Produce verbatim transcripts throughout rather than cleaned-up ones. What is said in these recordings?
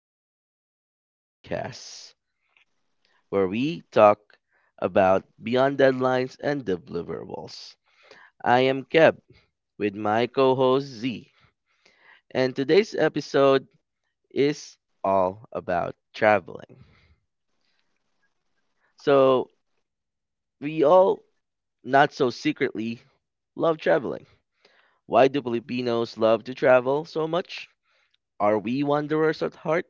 Out of Office podcast, where we talk about beyond deadlines and deliverables. I am Keb with my co host Z, and today's episode is all about traveling. So, we all, not so secretly, love traveling. Why do Filipinos love to travel so much? Are we wanderers at heart?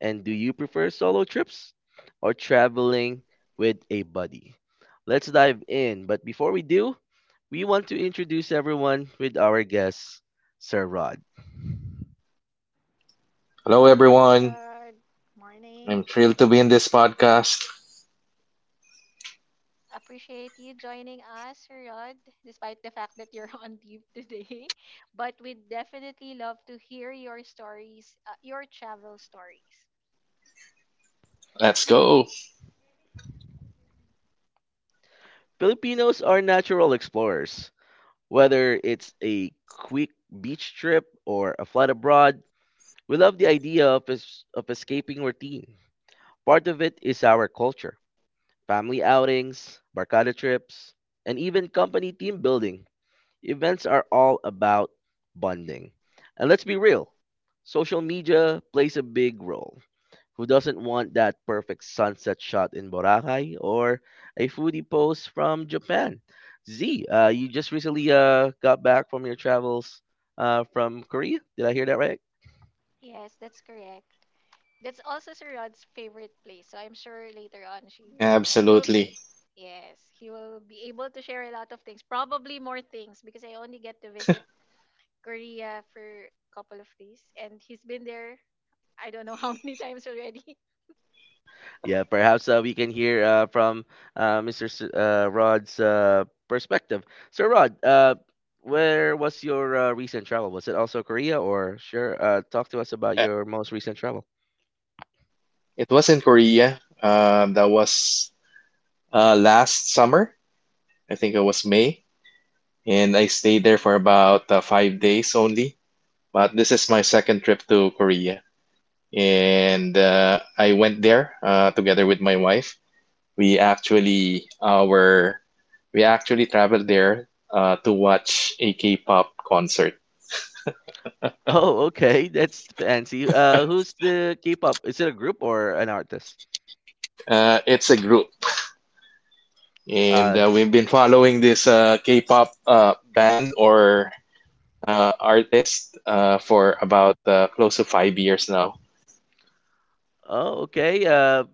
And do you prefer solo trips or traveling with a buddy? Let's dive in. But before we do, we want to introduce everyone with our guest, Sir Rod. Hello, Hi, Sir everyone. Rod. I'm Morning. thrilled to be in this podcast. Appreciate you joining us, Sir Rod, despite the fact that you're on leave today. But we'd definitely love to hear your stories, uh, your travel stories. Let's go. Filipinos are natural explorers. Whether it's a quick beach trip or a flight abroad, we love the idea of, es- of escaping routine. Part of it is our culture, family outings, barcada trips, and even company team building events are all about bonding. And let's be real, social media plays a big role. Who doesn't want that perfect sunset shot in Boracay or a foodie post from Japan? Z, uh, you just recently uh, got back from your travels uh, from Korea. Did I hear that right? Yes, that's correct. That's also Sir Rod's favorite place. So I'm sure later on she will, he will, Absolutely. yes, he will be able to share a lot of things, probably more things, because I only get to visit Korea for a couple of days, and he's been there. I don't know how many times already. Yeah, perhaps uh, we can hear uh, from uh, mister S- uh, Rod's uh, perspective. So, Rod, uh, where was your uh, recent travel? Was it also Korea, or sure? Uh, talk to us about Uh, your most recent travel. It was in Korea. Um, that was uh, last summer. I think it was May. And I stayed there for about uh, five days only. But this is my second trip to Korea. And uh, I went there uh, together with my wife. We actually uh, were, we actually traveled there uh, to watch a K-pop concert. Oh, okay, that's fancy. Uh, who's the K-pop? Is it a group or an artist? Uh, it's a group. and Uh, uh, we've been following this uh, K-pop uh, band or uh, artist uh, for about uh, close to five years now. oh, okay. Uh,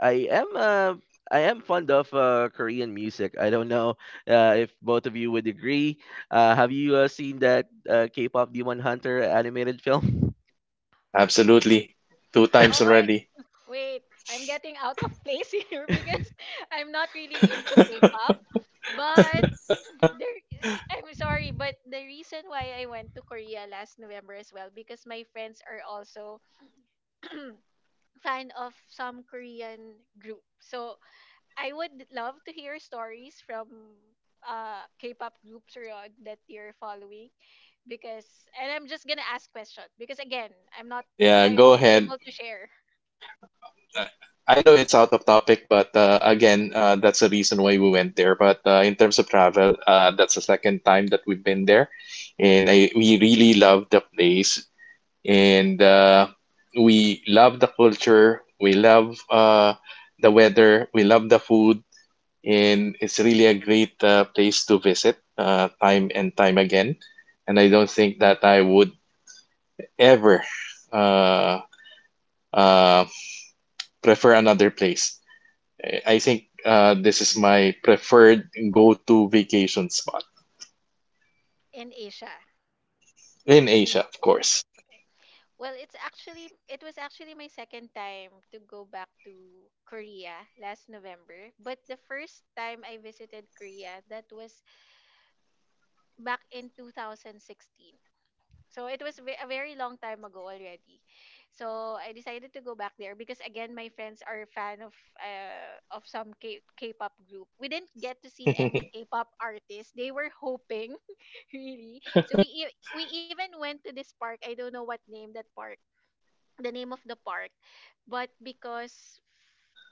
I am uh, I am fond of uh, Korean music. I don't know uh, if both of you would agree. Uh, have you uh, seen that uh, K-pop Demon Hunter animated film? Absolutely, two times Oh my, already. wait, I'm getting out of place here because I'm not really into K-pop. But there, I'm sorry, but the reason why I went to Korea last November as well because my friends are also fan of some Korean group. So I would love to hear stories from uh K-pop groups around that you're following because, and I'm just gonna ask question because again, I'm not, Yeah, I go won't be ahead. able to share I I know it's out of topic, but uh, again, uh, that's the reason why we went there. But uh, in terms of travel, uh, that's the second time that we've been there, and I we really love the place, and uh, we love the culture. We love uh, the weather. We love the food, and it's really a great uh, place to visit uh, time and time again. And I don't think that I would ever uh, uh, prefer another place. I I think uh, this is my preferred go-to vacation spot in Asia. in You mean Asia, of Asia? course. Okay. Well, it's actually it was actually my second time to go back to Korea last November, but the first time I visited Korea that was back in two thousand sixteen. So it was ve- a very long time ago already. So I decided to go back there because again my friends are a fan of uh, of some K- K-pop group. We didn't get to see any K-pop artists. They were hoping really. So we e- we even went to this park. I don't know what name that park. The name of the park, but because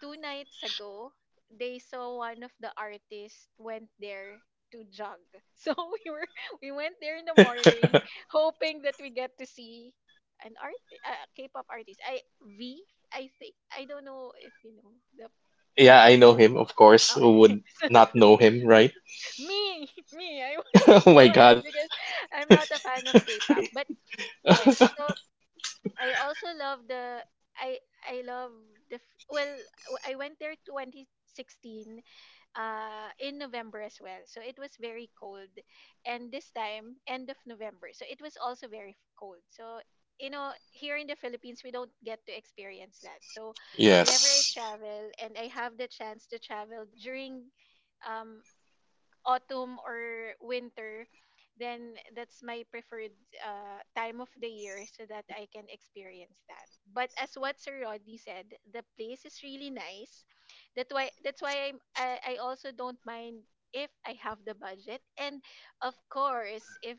two nights ago, they saw one of the artists went there to jog. So we were we went there in the morning, hoping that we get to see an art a K-pop artist. I V I think. I don't know if you know the Yeah, I artist. know But, him, of course. Who okay, would so, not know him, right? me me I wouldn't Oh my know him God. because I'm not a fan of K-pop. But yes, so I also love the I I love the f- well w- I went there twenty sixteen, uh, in November as well. So it was very cold. And this time, end of November. So it was also very f- cold. So, you know, here in the Philippines, we don't get to experience that. So whenever I Yes. travel and I have the chance to travel during, Um, autumn or winter, then that's my preferred uh, time of the year so that I can experience that. But as what Sir Rodney said, the place is really nice. That why that's why I'm, I I also don't mind if I have the budget and of course if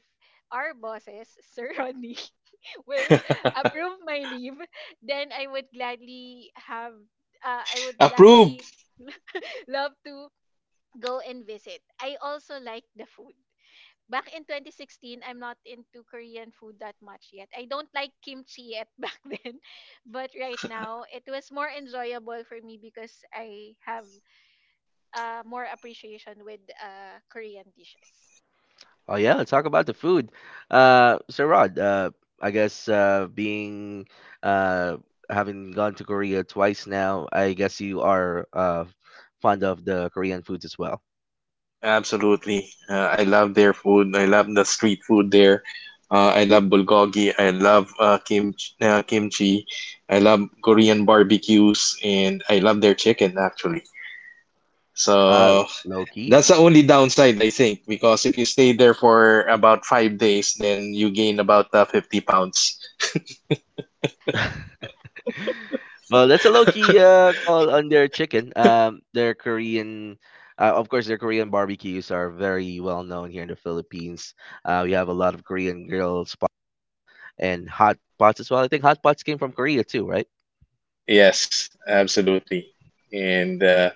our bosses Sir Rodney will approve my leave, then I would gladly have uh, I would Approve. gladly love to go and visit. I also like the food. Back in twenty sixteen, I'm not into Korean food that much yet. I don't like kimchi yet back then. But right now, it was more enjoyable for me because I have uh, more appreciation with uh, Korean dishes. Oh yeah, let's talk about the food. Uh, so Rod, uh, I guess uh, being uh, having gone to Korea twice now, I guess you are uh, fond of the Korean foods as well. Absolutely. Uh, I love their food. I love the street food there. Uh, I love bulgogi. I love uh, kimchi, uh, kimchi. I love Korean barbecues, and I love their chicken actually. Uh, So Low key. that's the only downside, I think, because if you stay there for about five days, then you gain about uh, fifty pounds. well, that's a low key uh, call on their chicken. Um, their Korean, uh, of course, their Korean barbecues are very well known here in the Philippines. Uh, we have a lot of Korean grill spots and hot pots as well. I think hot pots came from Korea too, right? Yes, absolutely. And uh,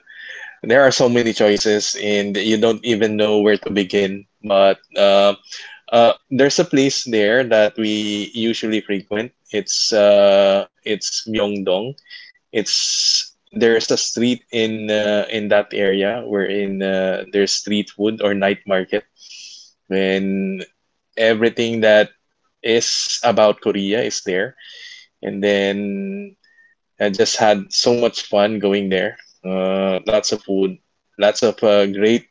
there are so many choices and you don't even know where to begin. But uh, Uh, there's a place there that we usually frequent. It's uh, it's Myeongdong. It's there's a street in uh, in that area wherein uh, there's street food or night market, when everything that is about Korea is there. And then I just had so much fun going there. Uh, lots of food, lots of uh, great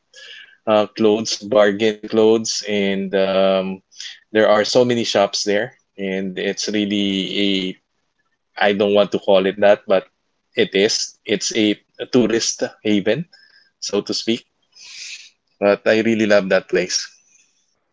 uh, clothes, bargain clothes, and um, there are so many shops there, and it's really a, I don't want to call it that, but it is. It's a tourist haven, so to speak. But I really love that place.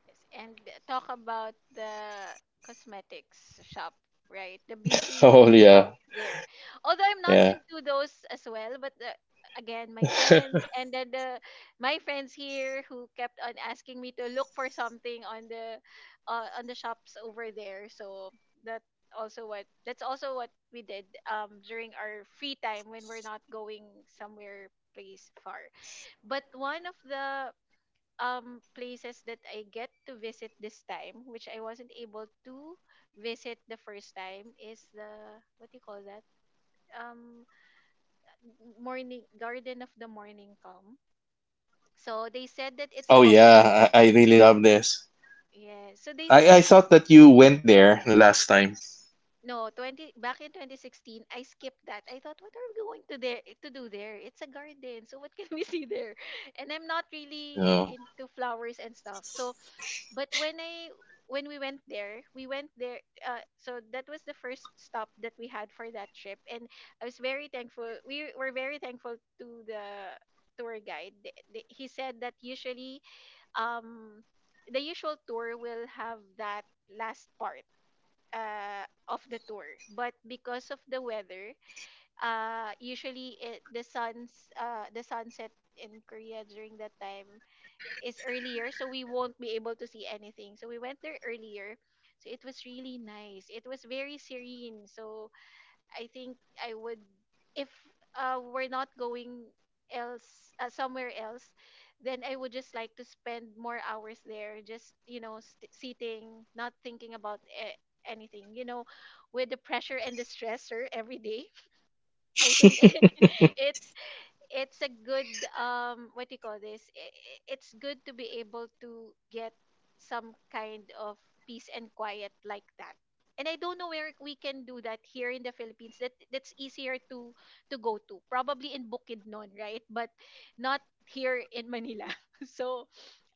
Yes, and talk about the cosmetics shop, right? The Oh beauty yeah, shops there. Although I'm not yeah. into those as well, but the, again, my friends and then the my friends here who kept on asking me to look for something on the uh, on the shops over there. So that also what that's also what we did um during our free time when we're not going somewhere place far. But one of the um places that I get to visit this time, which I wasn't able to visit the first time, is the what do you call that? Um, morning Garden of the Morning Calm. So they said that it's Oh popular. be- yeah, I, I really love this. Yeah. So they I, said I that thought it's that you went there the last time. no, twenty back in twenty sixteen. I skipped that. I thought, what are we going to there to do there? It's a garden, so what can we see there? And I'm not really Oh, into flowers and stuff. So but when I when we went there, we went there. Uh, so that was the first stop that we had for that trip, and I was very thankful. We were very thankful to the tour guide. The- the- He said that usually, um, the usual tour will have that last part uh, of the tour, but because of the weather, uh, usually it, the sun's uh, the sunset in Korea during that time is earlier, so we won't be able to see anything, so we went there earlier. So it was really nice, it was very serene. So I think I would, if uh, we're not going else uh, somewhere else, then I would just like to spend more hours there, just, you know, st- sitting, not thinking about a- anything, you know, with the pressure and the stressor every day. I think it's it's a good, um what do you call this I- I- it's good to be able to get some kind of peace and quiet like that. And I don't know where we can do that here in the Philippines that that's easier to to go to, probably in Bukidnon, right? But not here in Manila. So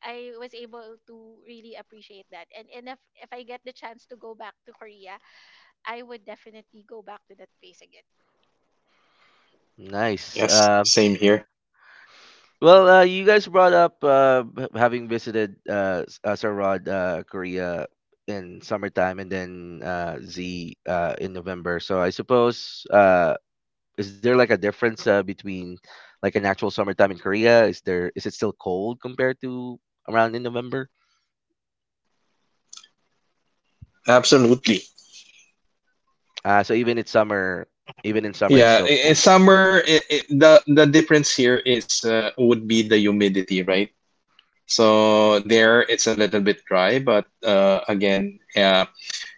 I was able to really appreciate that, and and if if I get the chance to go back to Korea, I would definitely go back to that place again Nice. yes, Uh, same here. Well, uh, you guys brought up uh, h- having visited uh, S- uh, Sir Rod, uh, Korea in summertime, and then uh, Z uh, in November. So I suppose uh, is there like a difference uh, between like an actual summertime in Korea? Is there is it still cold compared to around in November? Absolutely. Uh, so even it's summer, even in summer, it's Yeah, still I- I- cold. summer. I I the the difference here is uh, would be the humidity, right? So there, it's a little bit dry, but uh, again, uh,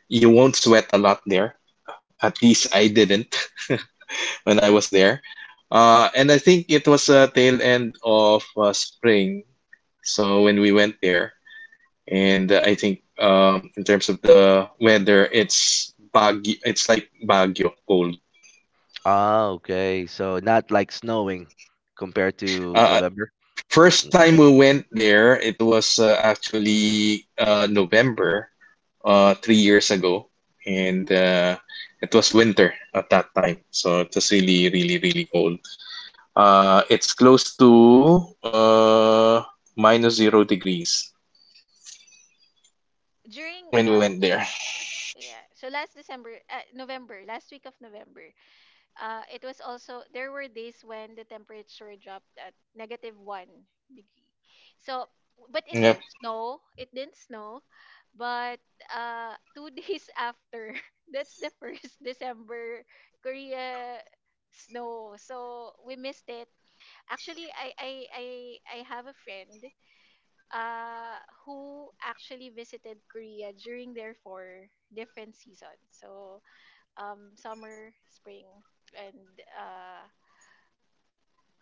you won't sweat a lot there. At least I didn't when I was there. Uh, and I think it was a tail end of uh, spring, so when we went there, and uh, I think, um, in terms of the weather, it's Baguio. It's like Baguio cold. Ah, okay. So not like snowing compared to Uh, November. First time it we went there, it was uh, actually uh, November, uh, three years ago, and uh, it was winter at that time, so it was really, really, really cold. Uh, it's close to uh, minus zero degrees during when we uh went there. dur- Yeah. So last December, uh, November, last week of November, uh, it was also there were days when the temperature dropped at negative one degree. So, but it Yep. didn't snow. It didn't snow, but uh, two days after, that's the first December Korea snow. So we missed it. Actually, I I I I have a friend uh, who actually visited Korea during their four different seasons. So, um, summer, spring, and uh,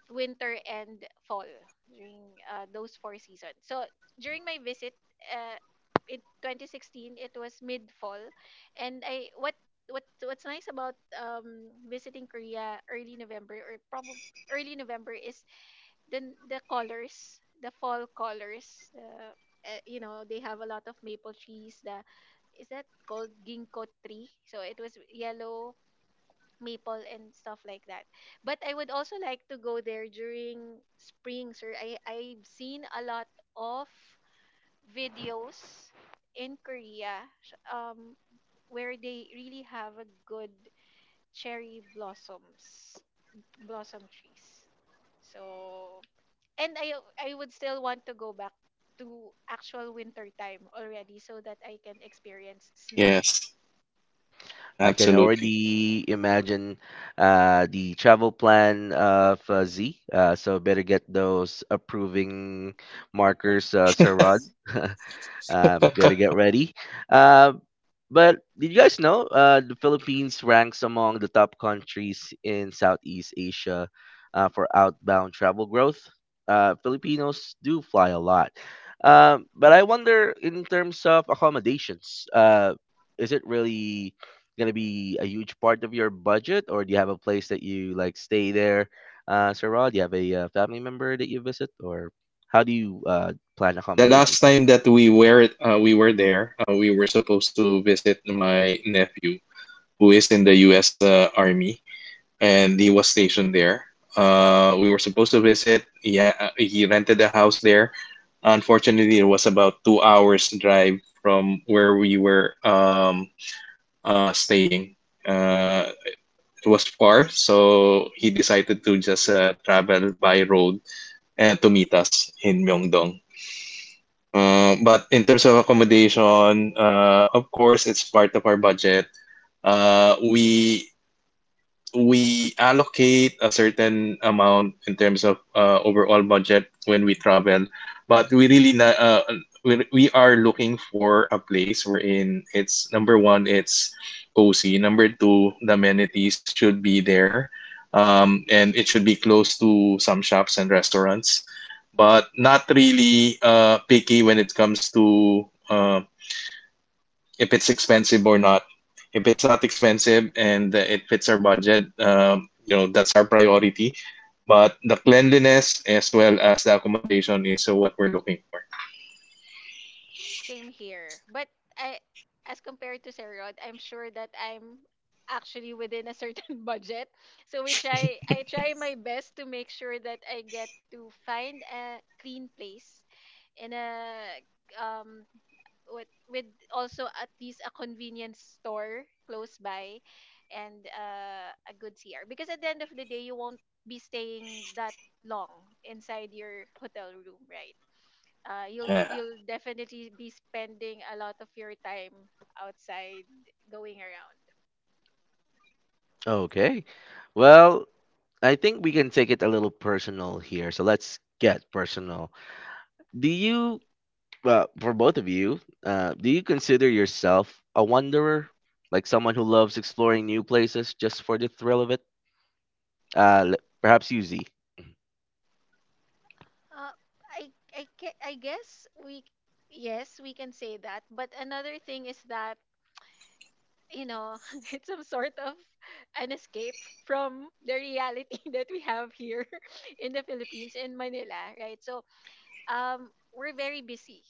winter and fall during uh, those four seasons. So, during my visit uh, in twenty sixteen, it was mid fall, and I what what what's nice about um visiting Korea early November, or probably early November, is then the colors the fall colors, uh, uh, you know, they have a lot of maple trees. The Is that called ginkgo tree? So it was yellow maple and stuff like that. But I would also like to go there during spring, sir. I I've seen a lot of videos in Korea, sh- um where they really have a good cherry blossoms blossom trees, so, and I I would still want to go back to actual winter time already so that I can experience snow. Yes, I can absolutely. already imagine uh, the travel plan of uh, Z. Uh, so better get those approving markers, uh, Sir Rod. Uh, better get ready. Uh, but did you guys know uh, the Philippines ranks among the top countries in Southeast Asia uh, for outbound travel growth? Uh, Filipinos do fly a lot. Um, but I wonder, in terms of accommodations, uh, is it really going to be a huge part of your budget, or do you have a place that you like stay there? Uh, Sir Rod, do you have a uh, family member that you visit, or how do you uh, plan The accommodations? last time that we were uh, we were there, uh, we were supposed to visit my nephew who is in the U S. Uh, Army, and he was stationed there. Uh, we were supposed to visit. Yeah, he rented a house there. Unfortunately, it was about two hours drive from where we were um, uh, staying. Uh, it was far, so he decided to just uh, travel by road uh, to meet us in Myeongdong. Uh, but in terms of accommodation, uh, of course, it's part of our budget. Uh, we we allocate a certain amount in terms of uh, overall budget when we travel, but we really na uh, we, we are looking for a place wherein it's number one, it's cozy. Number two, the amenities should be there, um, and it should be close to some shops and restaurants, but not really uh, picky when it comes to. Uh, if it's expensive or not. If it's not expensive and uh, it fits our budget, um, you know, that's our priority. But the cleanliness as well as the accommodation is uh, what we're looking for. Same here. But I, as compared to Sir Rod, I'm sure that I'm actually within a certain budget. So we try, I try my best to make sure that I get to find a clean place in a um with with also at least a convenience store close by and uh, a good C R, because at the end of the day you won't be staying that long inside your hotel room, right? Uh, you'll Yeah. you'll definitely be spending a lot of your time outside going around. Okay. Well, I think we can take it a little personal here. So let's get personal. Do you, uh, for both of you, uh, do you consider yourself a wanderer? Like someone who loves exploring new places just for the thrill of it? Uh, l- Perhaps you, Z. Uh, I I ca- I guess we yes, we can say that. But another thing is that, you know, it's some sort of an escape from the reality that we have here in the Philippines, in Manila, right? So um we're very busy.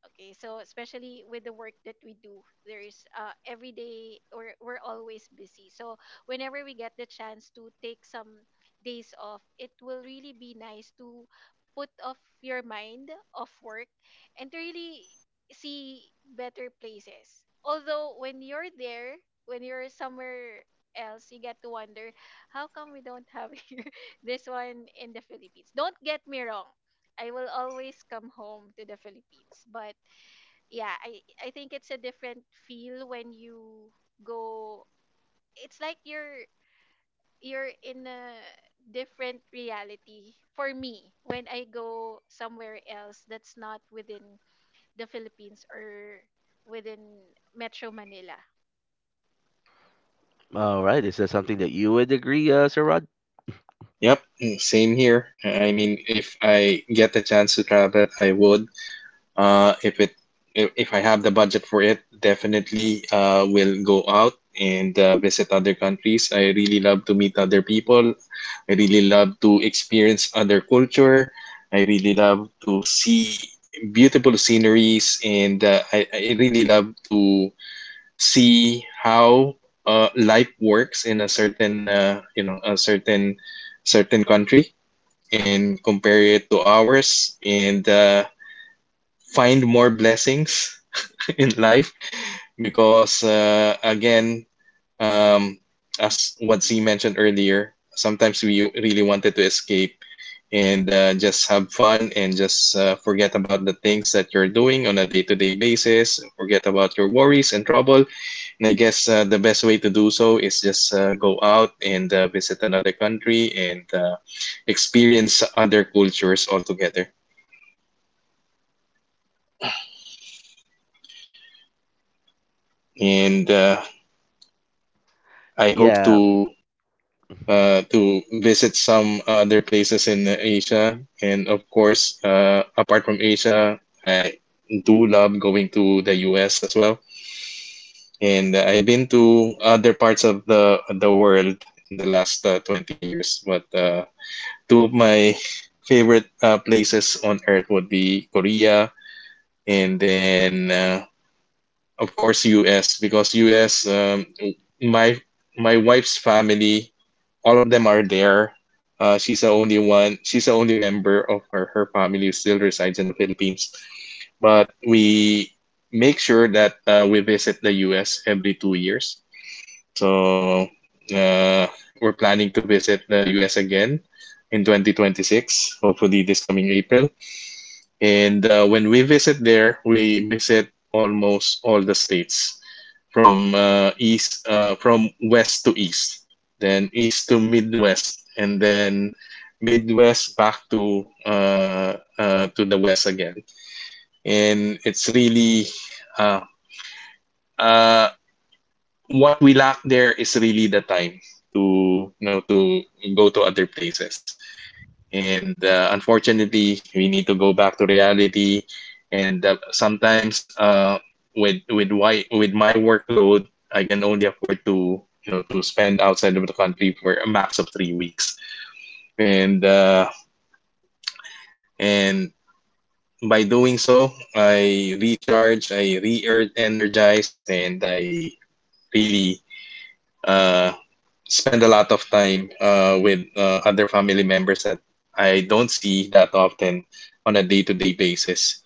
Okay, so especially with the work that we do, there is uh, every day, or we're always busy. So whenever we get the chance to take some days off, it will really be nice to put off your mind of work and to really see better places. Although when you're there, when you're somewhere else, you get to wonder how come we don't have here this one in the Philippines. Don't get me wrong. I will always come home to the Philippines, but yeah, I I think it's a different feel when you go it's like you're you're in a different reality for me when I go somewhere else that's not within the Philippines or within Metro Manila. All right. Is that something that you would agree, uh, Sir Rod? Yep. mm, Same here. I mean, if I get the chance to travel, I would. Uh, if it if, if I have the budget for it, definitely uh, will go out and uh, visit other countries. I really love to meet other people. I really love to experience other culture. I really love to see beautiful sceneries, and uh, I, I really love to see how uh, life works in a certain uh, you know a certain certain country and compare it to ours and. Uh, find more blessings in life, because uh, again, um, as what Z mentioned earlier, sometimes we really wanted to escape, and uh, just have fun, and just uh, forget about the things that you're doing on a day-to-day basis, forget about your worries and trouble. And I guess uh, the best way to do so is just uh, go out and uh, visit another country and uh, experience other cultures altogether. And uh, i hope to Yeah, uh, to visit some other places in Asia. And of course, uh, apart from Asia, I do love going to the U S as well. And I've been to other parts of the the world in the last uh, twenty years. But uh, two of my favorite uh, places on earth would be Korea, and then uh, of course U S, because U S um, my my wife's family, all of them are there. Uh, she's the only one. She's the only member of her, her family who still resides in the Philippines. But we make sure that uh, we visit the U S every two years. So uh, we're planning to visit the U S again in twenty twenty-six, hopefully this coming April. And uh, when we visit there, we visit almost all the states, from uh, east uh, from west to east, then east to midwest, and then midwest back to uh, uh, to the west again, and it's really uh, uh, what we lack there is really the time to you know to go to other places. And uh, unfortunately, we need to go back to reality, and uh, sometimes, uh, with with why with my workload, I can only afford to you know to spend outside of the country for a max of three weeks. And uh, and by doing so, I recharge, I re-energized, and I really uh, spend a lot of time uh, with uh, other family members that I don't see that often on a day-to-day basis.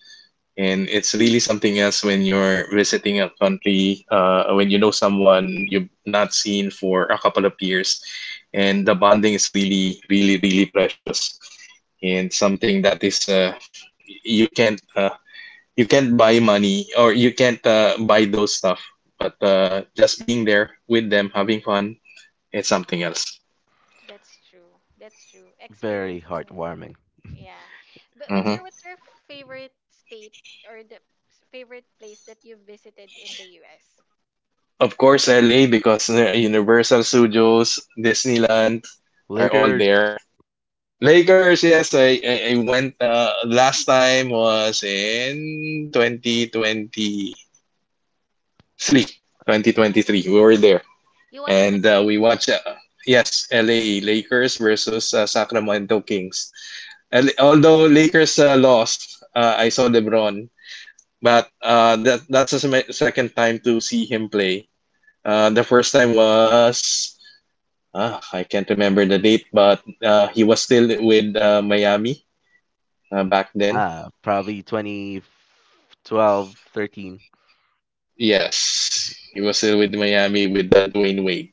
And it's really something else when you're visiting a country, uh, when you know someone you've not seen for a couple of years, and the bonding is really, really, really precious, and something that is uh, you can't uh, you can't buy money, or you can't uh, buy those stuff. But uh, just being there with them having fun, it's something else. That's true, that's true, very experiencing heartwarming. yeah. But but Hmm. sir, what's your favorite state, or the s- favorite place that you've visited in the US? Of course L A, because uh, Universal Studios, Disneyland are all Lakers, there. Lakers, yes, I I, I went, uh, last time was in twenty twenty-three. twenty twenty-three. We were there. You watched the And uh, game. we watched, uh, yes, L A Lakers versus uh, Sacramento Kings. And although Lakers uh, lost, uh, I saw LeBron, but uh, that that's just my second time to see him play. Uh, the first time was, ah, I can't remember the date, but uh, he was still with uh, Miami uh, back then. ah, probably twenty twelve, thirteen. Yes, he was still with Miami with that Dwayne Wade,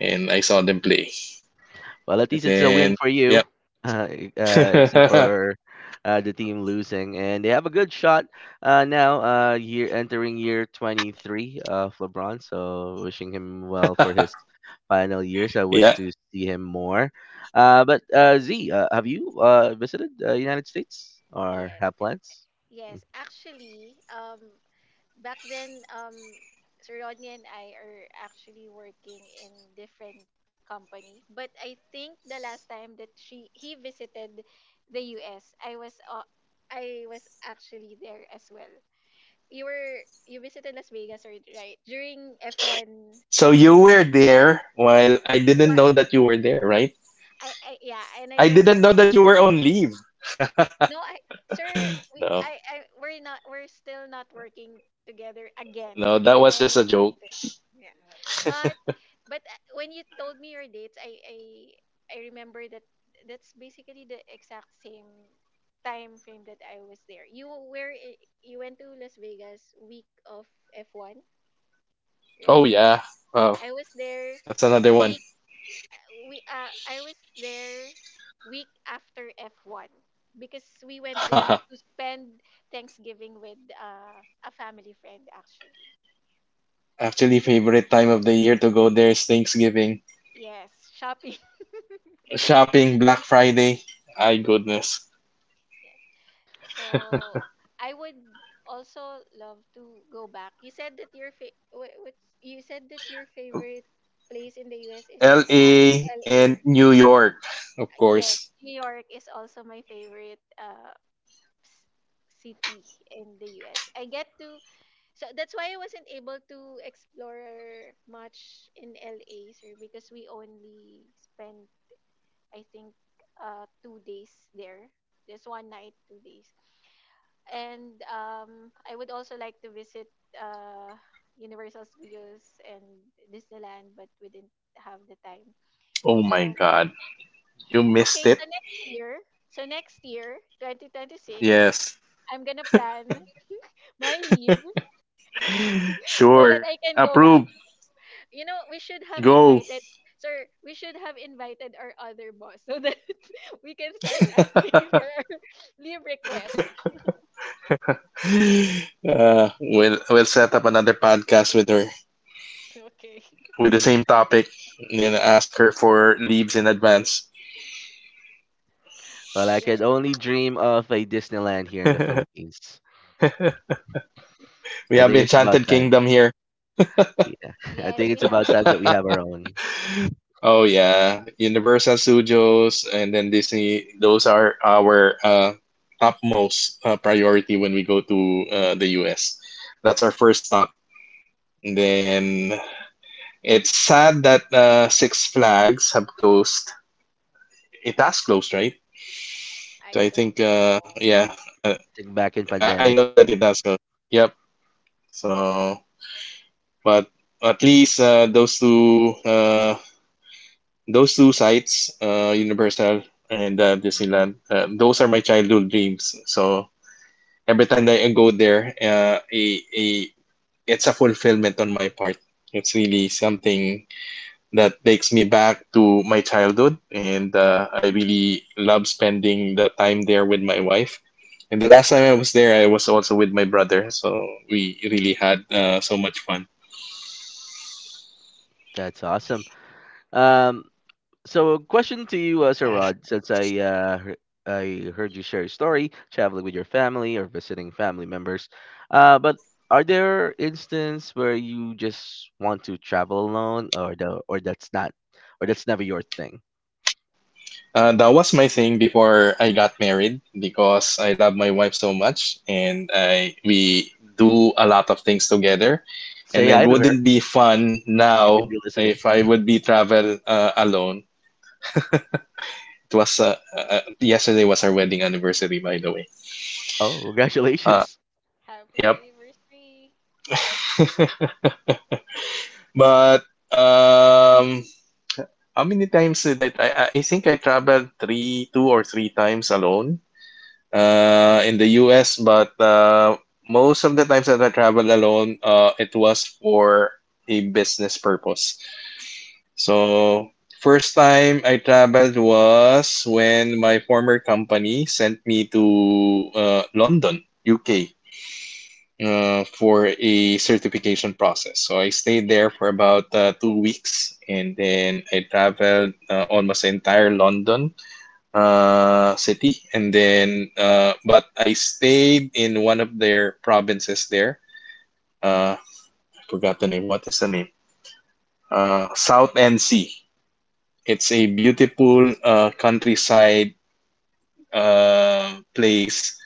and I saw them play. Well, at And least it's a win then, for you, yep, uh, e- uh, except for uh, the team losing, and they have a good shot uh, now. Uh, year entering year twenty three uh, of LeBron, so wishing him well for his final years. I wish yeah. to see him more. Uh, but uh, Z, uh, have you uh, visited uh, United States or Yes, have plans? yes, actually, um, back then, um, Sir Rodney and I are actually working in different company. But I think the last time that she he visited the U S, I was uh, I was actually there as well. You were you visited Las Vegas, right? Right during F one. So you were there while I didn't What know that you were there, right? I I yeah, and I I don't didn't know. know that you were on leave. No, I sir, we No, I, I we're not we're still not working together again no, that when was just I a joke. visited. Yeah. But but uh, when you told me your dates, I I I remember that that's basically the exact same time frame that I was there. You were i- you went to Las Vegas week of F one, Oh right? yeah, wow, I was there that's another one. we uh I was there week after F one because we went there to spend Thanksgiving with uh, a family friend actually. Actually, favorite time of the year to go there is Thanksgiving, Yes, shopping. shopping, Black Friday. My goodness, Yes. So I would also love to go back. You said that your fa- wha- what's you said that your favorite place in the U S is uh, L A L A. and New York, of Yes, course. New York is also my favorite uh s- city in the U S. I get to so that's why I wasn't able to explore much in L A, sir, because we only spent, I think, uh two days there. Just one night, two days. And um I would also like to visit uh Universal Studios and Disneyland, but we didn't have the time. We Oh my spent god. You missed Okay, it? so next year, so next year, twenty twenty-six, Yes. I'm gonna plan my leave so that Sure. I can go back. Approved. You know, we should have Go. invited, sir, we should have invited our other boss so that we can start asking uh, for our leave request. we'll, we'll set up another podcast with her Okay. with the same topic, and then ask her for leaves in advance. Well, I could The- only dream of a Disneyland here in We the Philippines. I have think it's about Enchanted time. Kingdom here. Yeah, I Yes, think we it's about haven't time that we started. have our own. Oh yeah, Universal Studios and then Disney. Those are our uh, topmost uh, priority when we go to uh, the U S. That's our first stop. And then, it's sad that uh, Six Flags have closed. It has closed, right? So I I don't think, uh, know. yeah, uh, Think back in I, I pandemic. know that it has closed. Yep. So, but at least uh, those two, uh, those two sites, uh, Universal and uh, Disneyland, uh, those are my childhood dreams. So every time that I go there, uh, a, a, it's a fulfillment on my part. It's really something that takes me back to my childhood and uh, I really love spending the time there with my wife, and the last time I was there I was also with my brother. So we really had uh, so much fun. That's awesome. Um, so a question to you, uh, Sir Rod, since I uh, hear- I heard you share your story, traveling with your family or visiting family members. Uh, but are there instances where you just want to travel alone, or the or that's not, or that's never your thing? Uh, that was my thing before I got married, because I love my wife so much, and I we do a lot of things together, and Say it hi to her. wouldn't be fun She could now be listening. if I would be travel uh, alone. It was uh, uh, uh, yesterday was our wedding anniversary, by the way. Oh, uh, congratulations. Happy yep. anniversary. But um, how many times did I? I, I think I traveled three, two or three times alone uh, in the U S. But uh, most of the times that I traveled alone, uh, it was for a business purpose. So first time I traveled was when my former company sent me to uh, London, U K, uh, for a certification process. So I stayed there for about uh, two weeks, and then I traveled uh, almost the entire London uh, city, and then uh, but I stayed in one of their provinces there. Uh, I forgot the name. What is the name? Uh, South N C. It's a beautiful uh, countryside uh, place.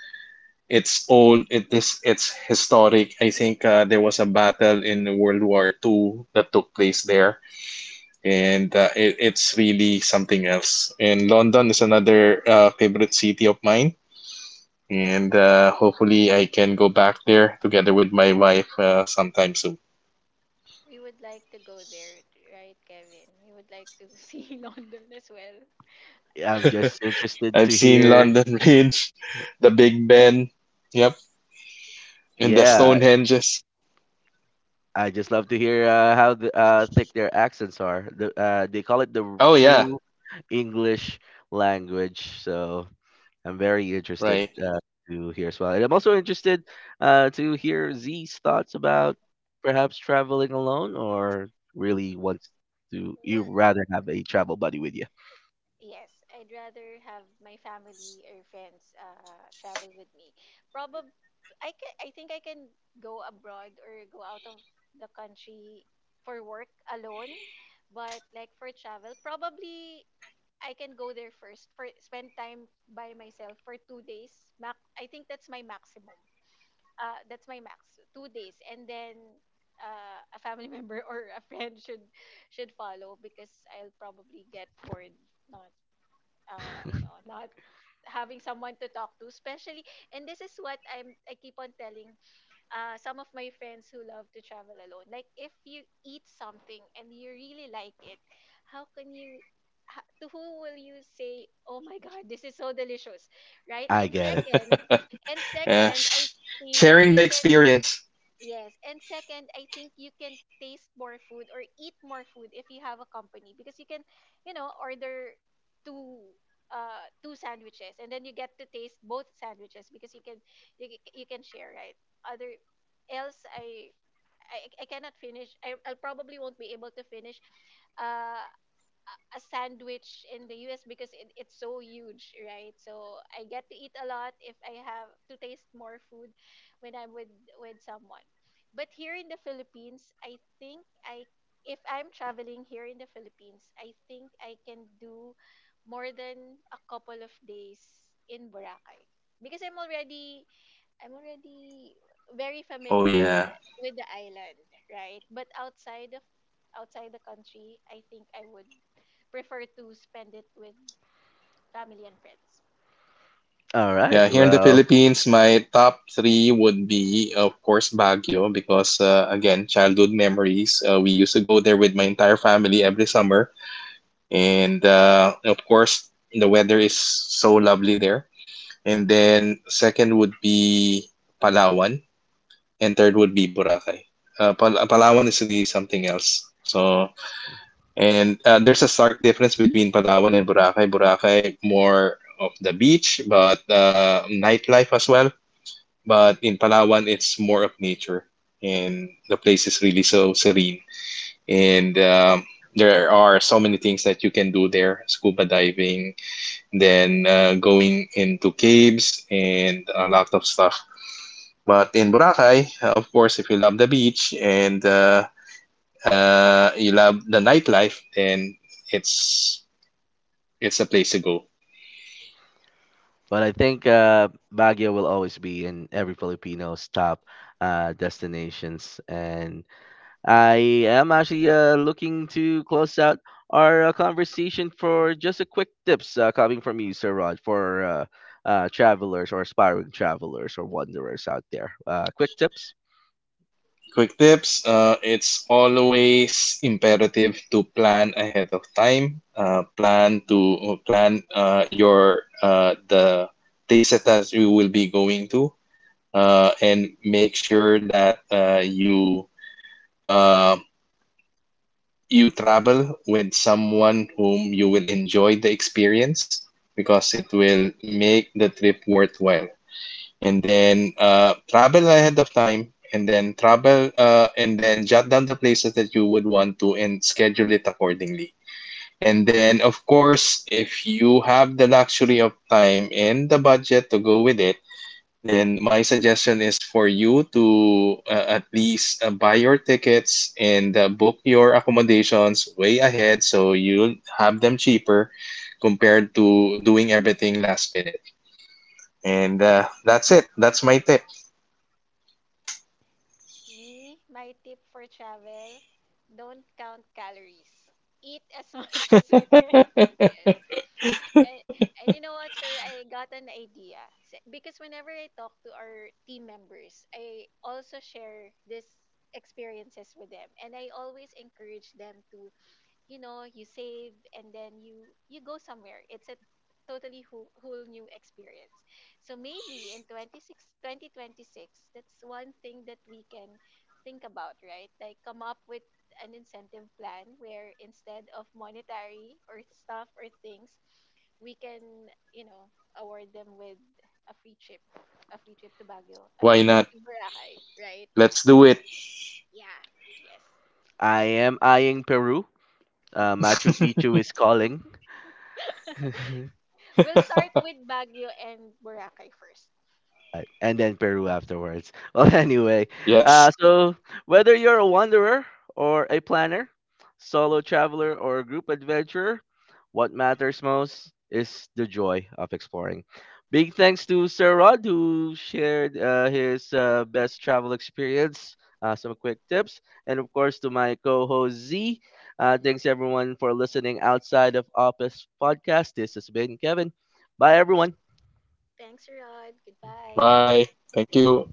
It's old. It is. It's historic. I think uh, there was a battle in World War Two that took place there, and uh, it, it's really something else. And London is another uh, favorite city of mine, and uh, hopefully I can go back there together with my wife uh, sometime soon. We would like to go there, right, Kevin? We would like to see London as well. Yeah, I'm just interested I've to seen hear. London Bridge, the Big Ben, yep, and the Yeah, Stonehenges. I just love to hear uh, how the, uh, thick their accents are. The, uh, they call it the r- Oh yeah, true English language. So I'm very interested right. uh, to hear as well. And I'm also interested uh, to hear Z's thoughts about perhaps traveling alone or really wants to, you Well, rather have a travel buddy with you. yes, I'd rather have my family or friends uh travel with me. Probably I can, I think I can go abroad or go out of the country for work alone, but like for travel, probably I can go there first for spend time by myself for two days. Mac, I think that's my maximum. Uh, that's my max, two days, and then uh, a family member or a friend should should follow because I'll probably get bored, Not uh, you know, not having someone to talk to, especially. And this is what I'm I keep on telling uh, some of my friends who love to travel alone. Like if you eat something and you really like it, how can you? ha- To who will you say, "Oh my God, this is so delicious," right? I And get it. second, and Uh, second, I sh- think Sharing you the can. experience. Yes. And second, I think you can taste more food or eat more food if you have a company because you can, you know, order two uh two sandwiches and then you get to taste both sandwiches because you can you, c- you can share, right? Other else I I, I cannot finish. I, I probably won't be able to finish uh a sandwich in the U S because it, it's so huge, right? So I get to eat a lot if I have to taste more food when I'm with with someone. But here in the Philippines, I think I if I'm traveling here in the Philippines, I think I can do more than a couple of days in Boracay because I'm already I'm already very Oh familiar with yeah. with the island, right? But outside of outside the country, I think I would prefer to spend it with family and friends. All right. Yeah, here in the Well, Philippines, my top three would be, of course, Baguio, because uh, again, childhood memories. Uh, we used to go there with my entire family every summer. And uh, of course, the weather is so lovely there. And then, second would be Palawan, and third would be Boracay. Uh, Pal Palawan is really something else. So, and uh, there's a stark difference between Palawan and Boracay. Boracay, more of the beach, but uh, nightlife as well, but in Palawan, it's more of nature, and the place is really so serene. And um, there are so many things that you can do there: scuba diving, then uh, going into caves, and a lot of stuff. But in Boracay, uh, of course, if you love the beach and uh, uh, you love the nightlife, then it's it's a place to go. but I think uh, Baguio will always be in every Filipino's top uh, destinations, and I am actually uh, looking to close out our uh, conversation for just a quick tips uh, coming from you, Sir Rod, for uh, uh, travelers or aspiring travelers or wanderers out there. Uh, quick tips. Quick tips. Uh, it's always imperative to plan ahead of time. Uh, plan to plan uh, your uh, the dataset that you will be going to, uh, and make sure that uh, you uh, you travel with someone whom you will enjoy the experience, because it will make the trip worthwhile. And then uh, travel ahead of time, and then travel uh, and then jot down the places that you would want to, and schedule it accordingly. And then of course, if you have the luxury of time and the budget to go with it, then my suggestion is for you to uh, at least uh, buy your tickets and uh, book your accommodations way ahead, so you'll have them cheaper compared to doing everything last minute. And uh, that's it, that's my tip. Me, my tip for travel, don't count calories. Eat as much as you can. Yes. And, and you know what, sir? I got an idea. S- Because whenever I talk to our team members, I also share this experiences with them. And I always encourage them to, you know, you save and then you you go somewhere. It's a totally whole, whole new experience. So maybe in twenty six twenty twenty six, that's one thing that we can think about, right? Like come up with an incentive plan where, instead of monetary or stuff or things, we can, you know, award them with a free trip, a free trip to Baguio, a free Why trip not? to Boracay, right? Let's do So it. yeah. Yes. I am eyeing Peru. Uh, Machu Picchu is calling. We'll start with Baguio and Boracay first. Right. And then Peru afterwards. Well, anyway, Yes. uh, so whether you're a wanderer or a planner, solo traveler or a group adventurer, what matters most is the joy of exploring. Big thanks to Sir Rod who shared uh, his uh, best travel experience, uh, some quick tips, and of course to my co-host Z. Uh, thanks everyone for listening outside of Office Podcast. This has been Kevin. Bye everyone. Thanks, Rod. Goodbye. Bye. Thank you.